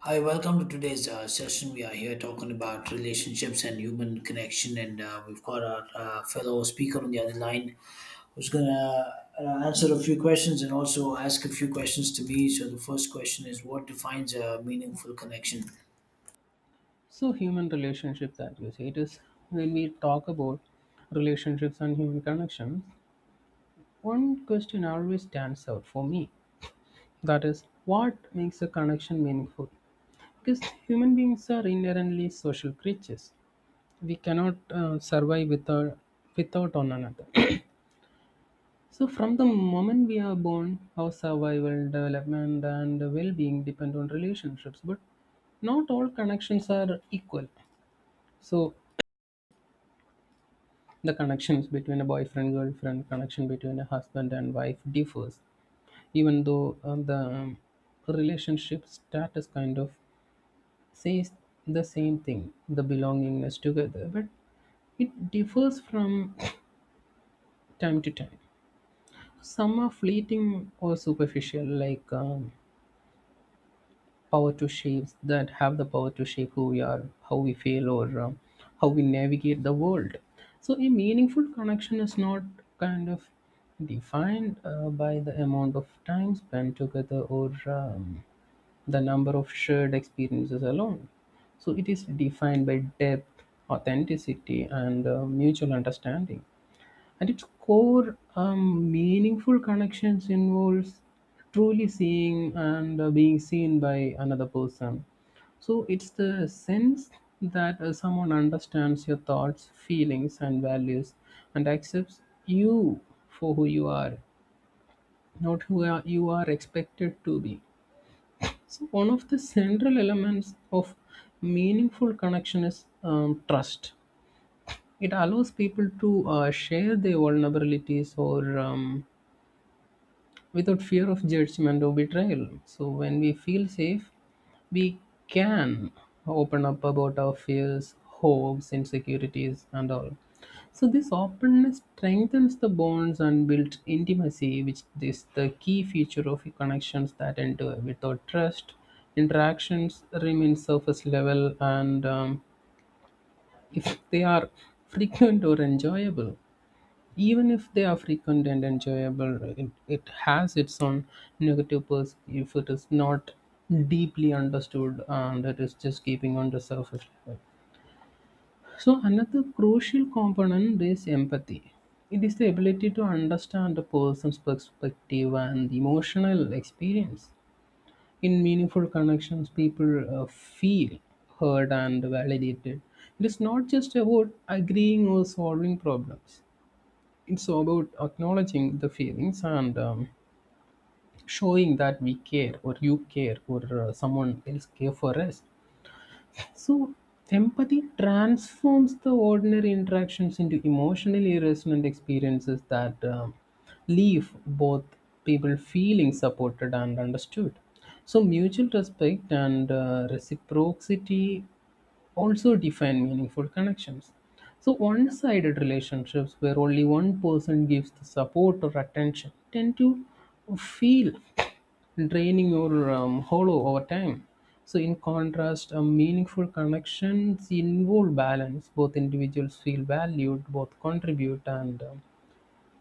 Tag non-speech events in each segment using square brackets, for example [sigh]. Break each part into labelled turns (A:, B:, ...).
A: Hi, welcome to today's session. We are here talking about relationships and human connection, and we've got our fellow speaker on the other line who's gonna answer a few questions and also ask a few questions to me. So the first question is, what defines a meaningful connection?
B: So human relationship that you say it is when we talk about relationships and human connections, one question always stands out for me. That is, what makes a connection meaningful? Because human beings are inherently social creatures. We cannot survive without one another. So from the moment we are born, our survival, development, and well-being depend on relationships. But not all connections are equal. So the connections between a boyfriend girlfriend, connection between a husband and wife differs, even though the relationship status kind of says the same thing, the belongingness together, but it differs from [clears throat] time to time. Some are fleeting or superficial, like power to shape that have the power to shape who we are, how we feel, or how we navigate the world. So a meaningful connection is not kind of defined by the amount of time spent together, or the number of shared experiences alone. So it is defined by depth, authenticity, and mutual understanding. At its core, meaningful connections involves truly seeing and being seen by another person. So it's the sense that someone understands your thoughts, feelings, and values, and accepts you for who you are, not you are expected to be. So one of the central elements of meaningful connection is trust. It allows people to share their vulnerabilities, or without fear of judgment or betrayal. So when we feel safe, we can open up about our fears, hopes, insecurities, and all. So this openness strengthens the bonds and builds intimacy, which is the key feature of connections that endure. Without trust, interactions remain surface level, and if they are [laughs] frequent or enjoyable. Even if they are frequent and enjoyable, it has its own negative pers if it is not deeply understood and it is just keeping on the surface level. So, another crucial component is empathy. It is the ability to understand a person's perspective and emotional experience. In meaningful connections, people feel heard and validated. It is not just about agreeing or solving problems, it's about acknowledging the feelings, and showing that we care, or you care, or someone else care for us. So, empathy transforms the ordinary interactions into emotionally resonant experiences that leave both people feeling supported and understood. So, mutual respect and reciprocity also define meaningful connections. So, one sided relationships where only one person gives the support or attention tend to feel draining, or hollow over time. So, in contrast, a meaningful connections involve balance. Both individuals feel valued, both contribute, and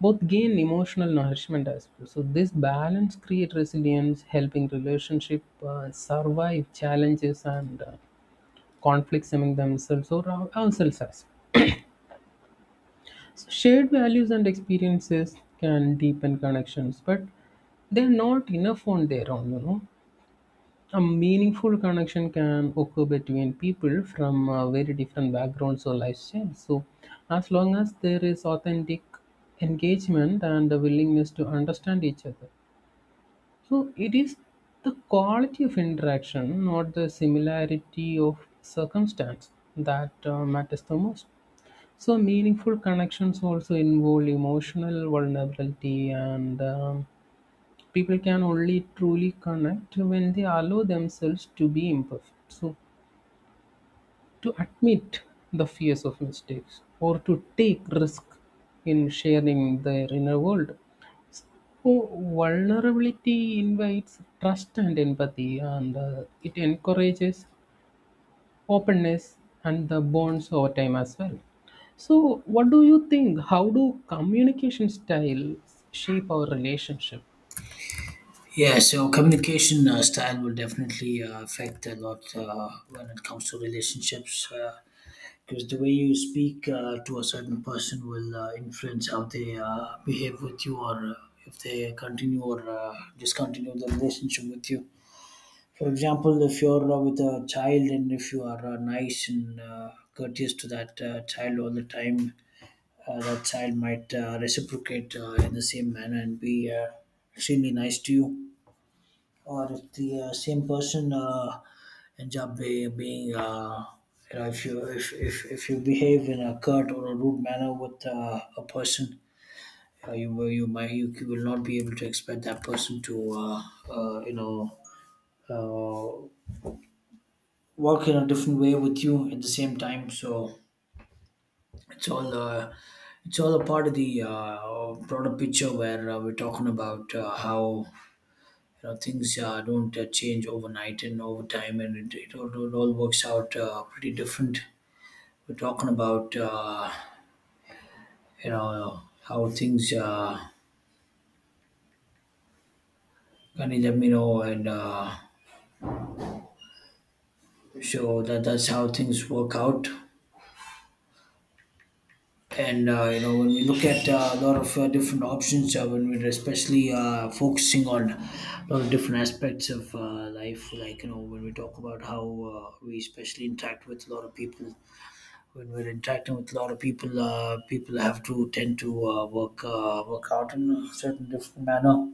B: both gain emotional nourishment as well. So, this balance creates resilience, helping relationship survive challenges and conflicts among themselves, or ourselves as well. So, shared values and experiences can deepen connections, but they're not enough on their own. A meaningful connection can occur between people from very different backgrounds or lifestyles. So, as long as there is authentic engagement and a willingness to understand each other, so it is the quality of interaction, not the similarity of circumstance, that matters the most. So, meaningful connections also involve emotional vulnerability, and people can only truly connect when they allow themselves to be imperfect, so to admit the fears of mistakes or to take risk in sharing their inner world. Oh, vulnerability invites trust and empathy, and it encourages openness and the bonds over time as well. So what do you think, how do communication styles shape our relationship?
A: Yeah, so communication style will definitely affect a lot when it comes to relationships because the way you speak to a certain person will influence how they behave with you or if they continue or discontinue the relationship with you. For example, if you're with a child and if you are nice and courteous to that child all the time, that child might reciprocate in the same manner and be extremely nice to you, or the same person ends up being you know if you if you behave in a curt or a rude manner with a person, you might you will not be able to expect that person to you know uh, work in a different way with you at the same time. So it's all uh, it's all a part of the broader picture where we're talking about how you know things don't change overnight and over time, and it all works out pretty different. We're talking about you know how things kind of let me know, and so that's how things work out. And you know, when we look at a lot of different options when we're especially focusing on a lot of different aspects of life, like you know when we talk about how we especially interact with a lot of people. When we're interacting with a lot of people, people have to tend to work out in a certain different manner,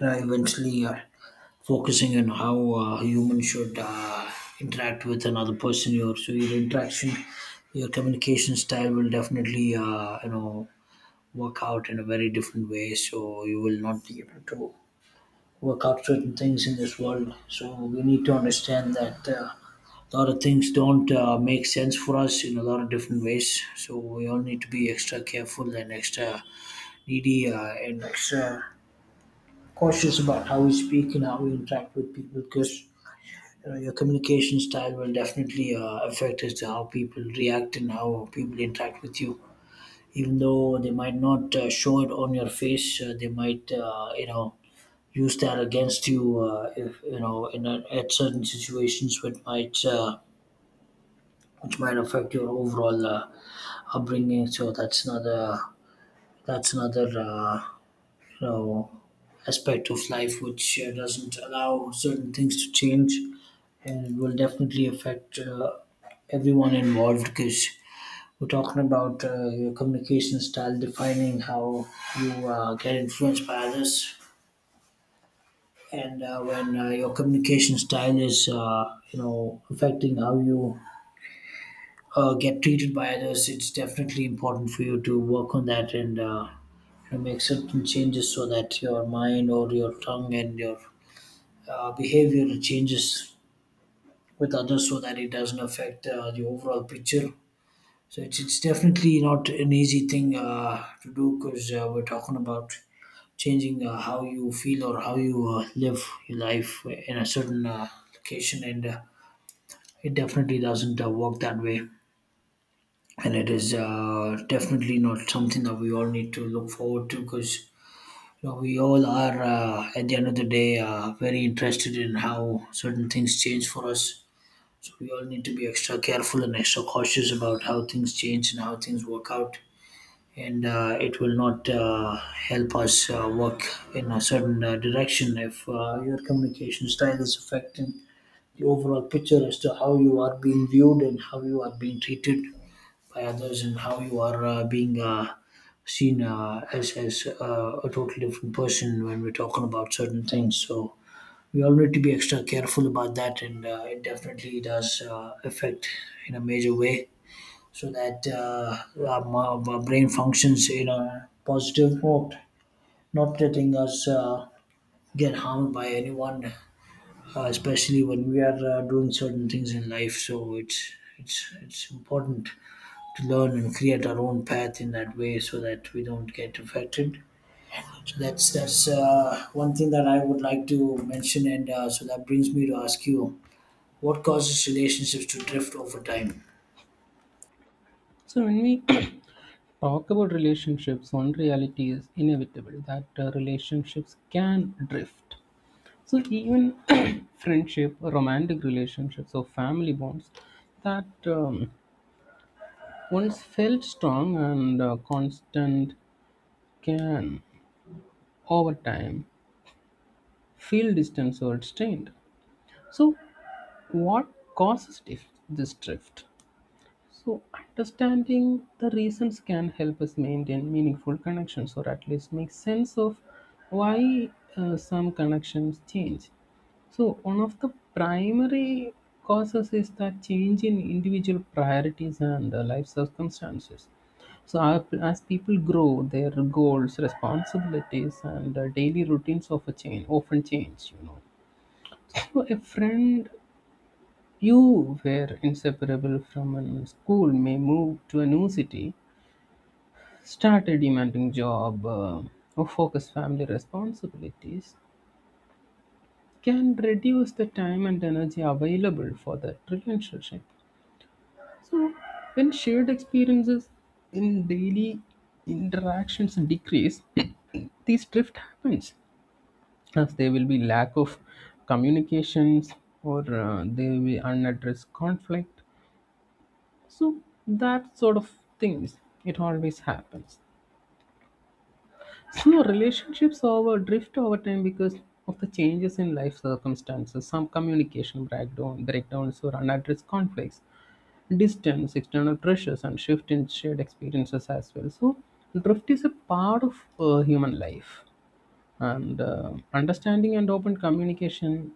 A: and eventually focusing on how a human should interact with another person. Your so your interaction, your communication style will definitely you know work out in a very different way. So you will not be able to work out certain things in this world. So we need to understand that a lot of things don't make sense for us in a lot of different ways. So we all need to be extra careful and extra needy and extra cautious about how we speak and how we interact with people because. You know, your communication style will definitely affect as to how people react and how people interact with you. Even though they might not show it on your face, they might, you know, use that against you if you know in a, at certain situations which might affect your overall upbringing. So that's another you know aspect of life which doesn't allow certain things to change, and it will definitely affect everyone involved because we're talking about your communication style defining how you get influenced by others. And when your communication style is you know affecting how you get treated by others, it's definitely important for you to work on that, and you know, make certain changes so that your mind or your tongue and your behavior changes with others, so that it doesn't affect the overall picture. So it's definitely not an easy thing to do, because we're talking about changing how you feel or how you live your life in a certain location, and it definitely doesn't work that way. And it is definitely not something that we all need to look forward to, because you know, we all are at the end of the day very interested in how certain things change for us. So we all need to be extra careful and extra cautious about how things change and how things work out. And it will not help us work in a certain direction if your communication style is affecting the overall picture as to how you are being viewed and how you are being treated by others, and how you are being seen as a totally different person when we're talking about certain things. So we all need to be extra careful about that, and it definitely does affect in a major way, so that our brain functions in a positive mode, not letting us get harmed by anyone, especially when we are doing certain things in life. So it's important to learn and create our own path in that way, so that we don't get affected. So that's one thing that I would like to mention, and so that brings me to ask you, what causes relationships to drift over time?
B: So when we [clears throat] talk about relationships, one reality is inevitable that relationships can drift. So, even [coughs] [clears throat] friendship, romantic relationships, or family bonds that once felt strong and constant can, over time, feel distant or strained. So, what causes this drift? So, understanding the reasons can help us maintain meaningful connections, or at least make sense of why some connections change. So, one of the primary causes is that change in individual priorities and life circumstances. So, as people grow, their goals, responsibilities, and daily routines of a change often change. You know, so a friend you were inseparable from a school may move to a new city, start a demanding job, or focus family responsibilities can reduce the time and energy available for that relationship. So, when shared experiences in daily interactions decrease, [coughs] [clears throat] this drift happens as there will be lack of communications, or there will be unaddressed conflict. So that sort of things, it always happens. So relationships over drift over time because of the changes in life circumstances, some breakdowns or unaddressed conflicts, distance, external pressures, and shift in shared experiences as well. So drift is a part of human life, and understanding and open communication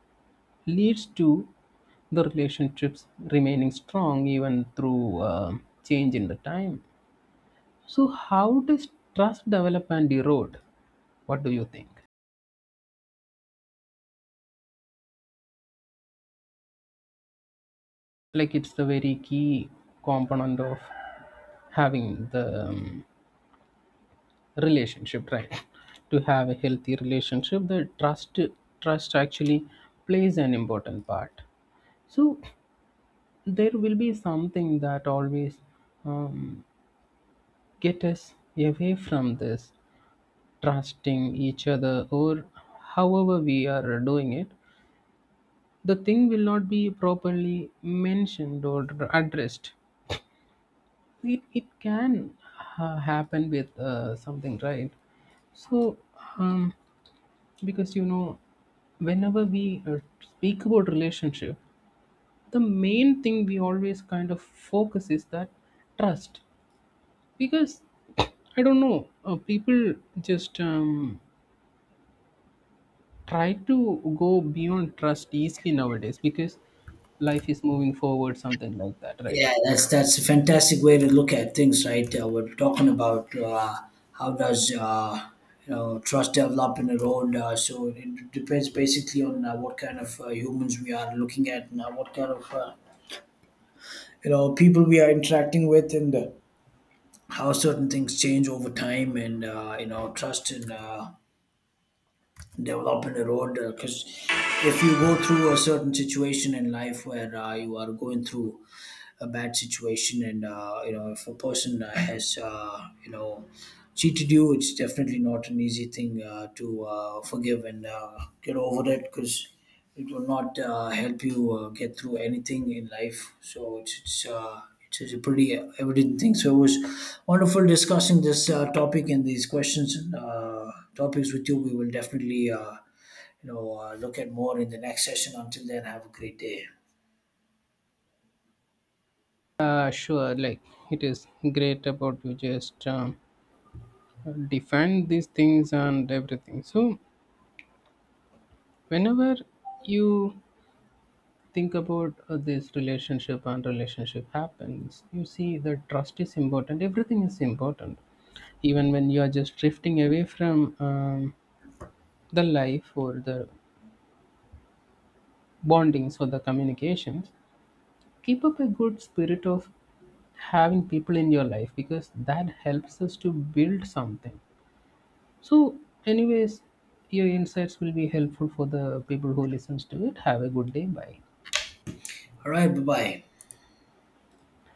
B: leads to the relationships remaining strong even through change in the time. So, how does trust develop and erode? What do you think? Like, it's the very key component of having the relationship, right? [laughs] To have a healthy relationship, the trust actually plays an important part. So, there will be something that always um, get us away from this trusting each other, or however we are doing it the thing will not be properly mentioned or addressed. It can happen with something, right? So, um, because you know whenever we speak about relationship, the main thing we always kind of focus is that trust, because I don't know, people just try to go beyond trust easily nowadays because life is moving forward something like that, right?
A: Yeah, that's a fantastic way to look at things, right? We're talking about how does you know trust develop in a road. So it depends basically on what kind of humans we are looking at, and what kind of you know people we are interacting with, and how certain things change over time, and you know trust and. Developing a road, because if you go through a certain situation in life where you are going through a bad situation, and you know if a person has you know cheated you, it's definitely not an easy thing to forgive and get over it, because it will not help you get through anything in life. So it's a pretty evident thing. So it was wonderful discussing this topic and these questions and topics with you. We will definitely you know look at more in the next session. Until then, have a great day.
B: Sure, like it is great about you just define these things and everything. So, whenever you think about this relationship and relationship happens, you see that trust is important, everything is important. Even when you are just drifting away from the life or the bondings or the communications, keep up a good spirit of having people in your life because that helps us to build something. So, anyways, your insights will be helpful for the people who listens to it. Have a good day. Bye.
A: All right, bye bye.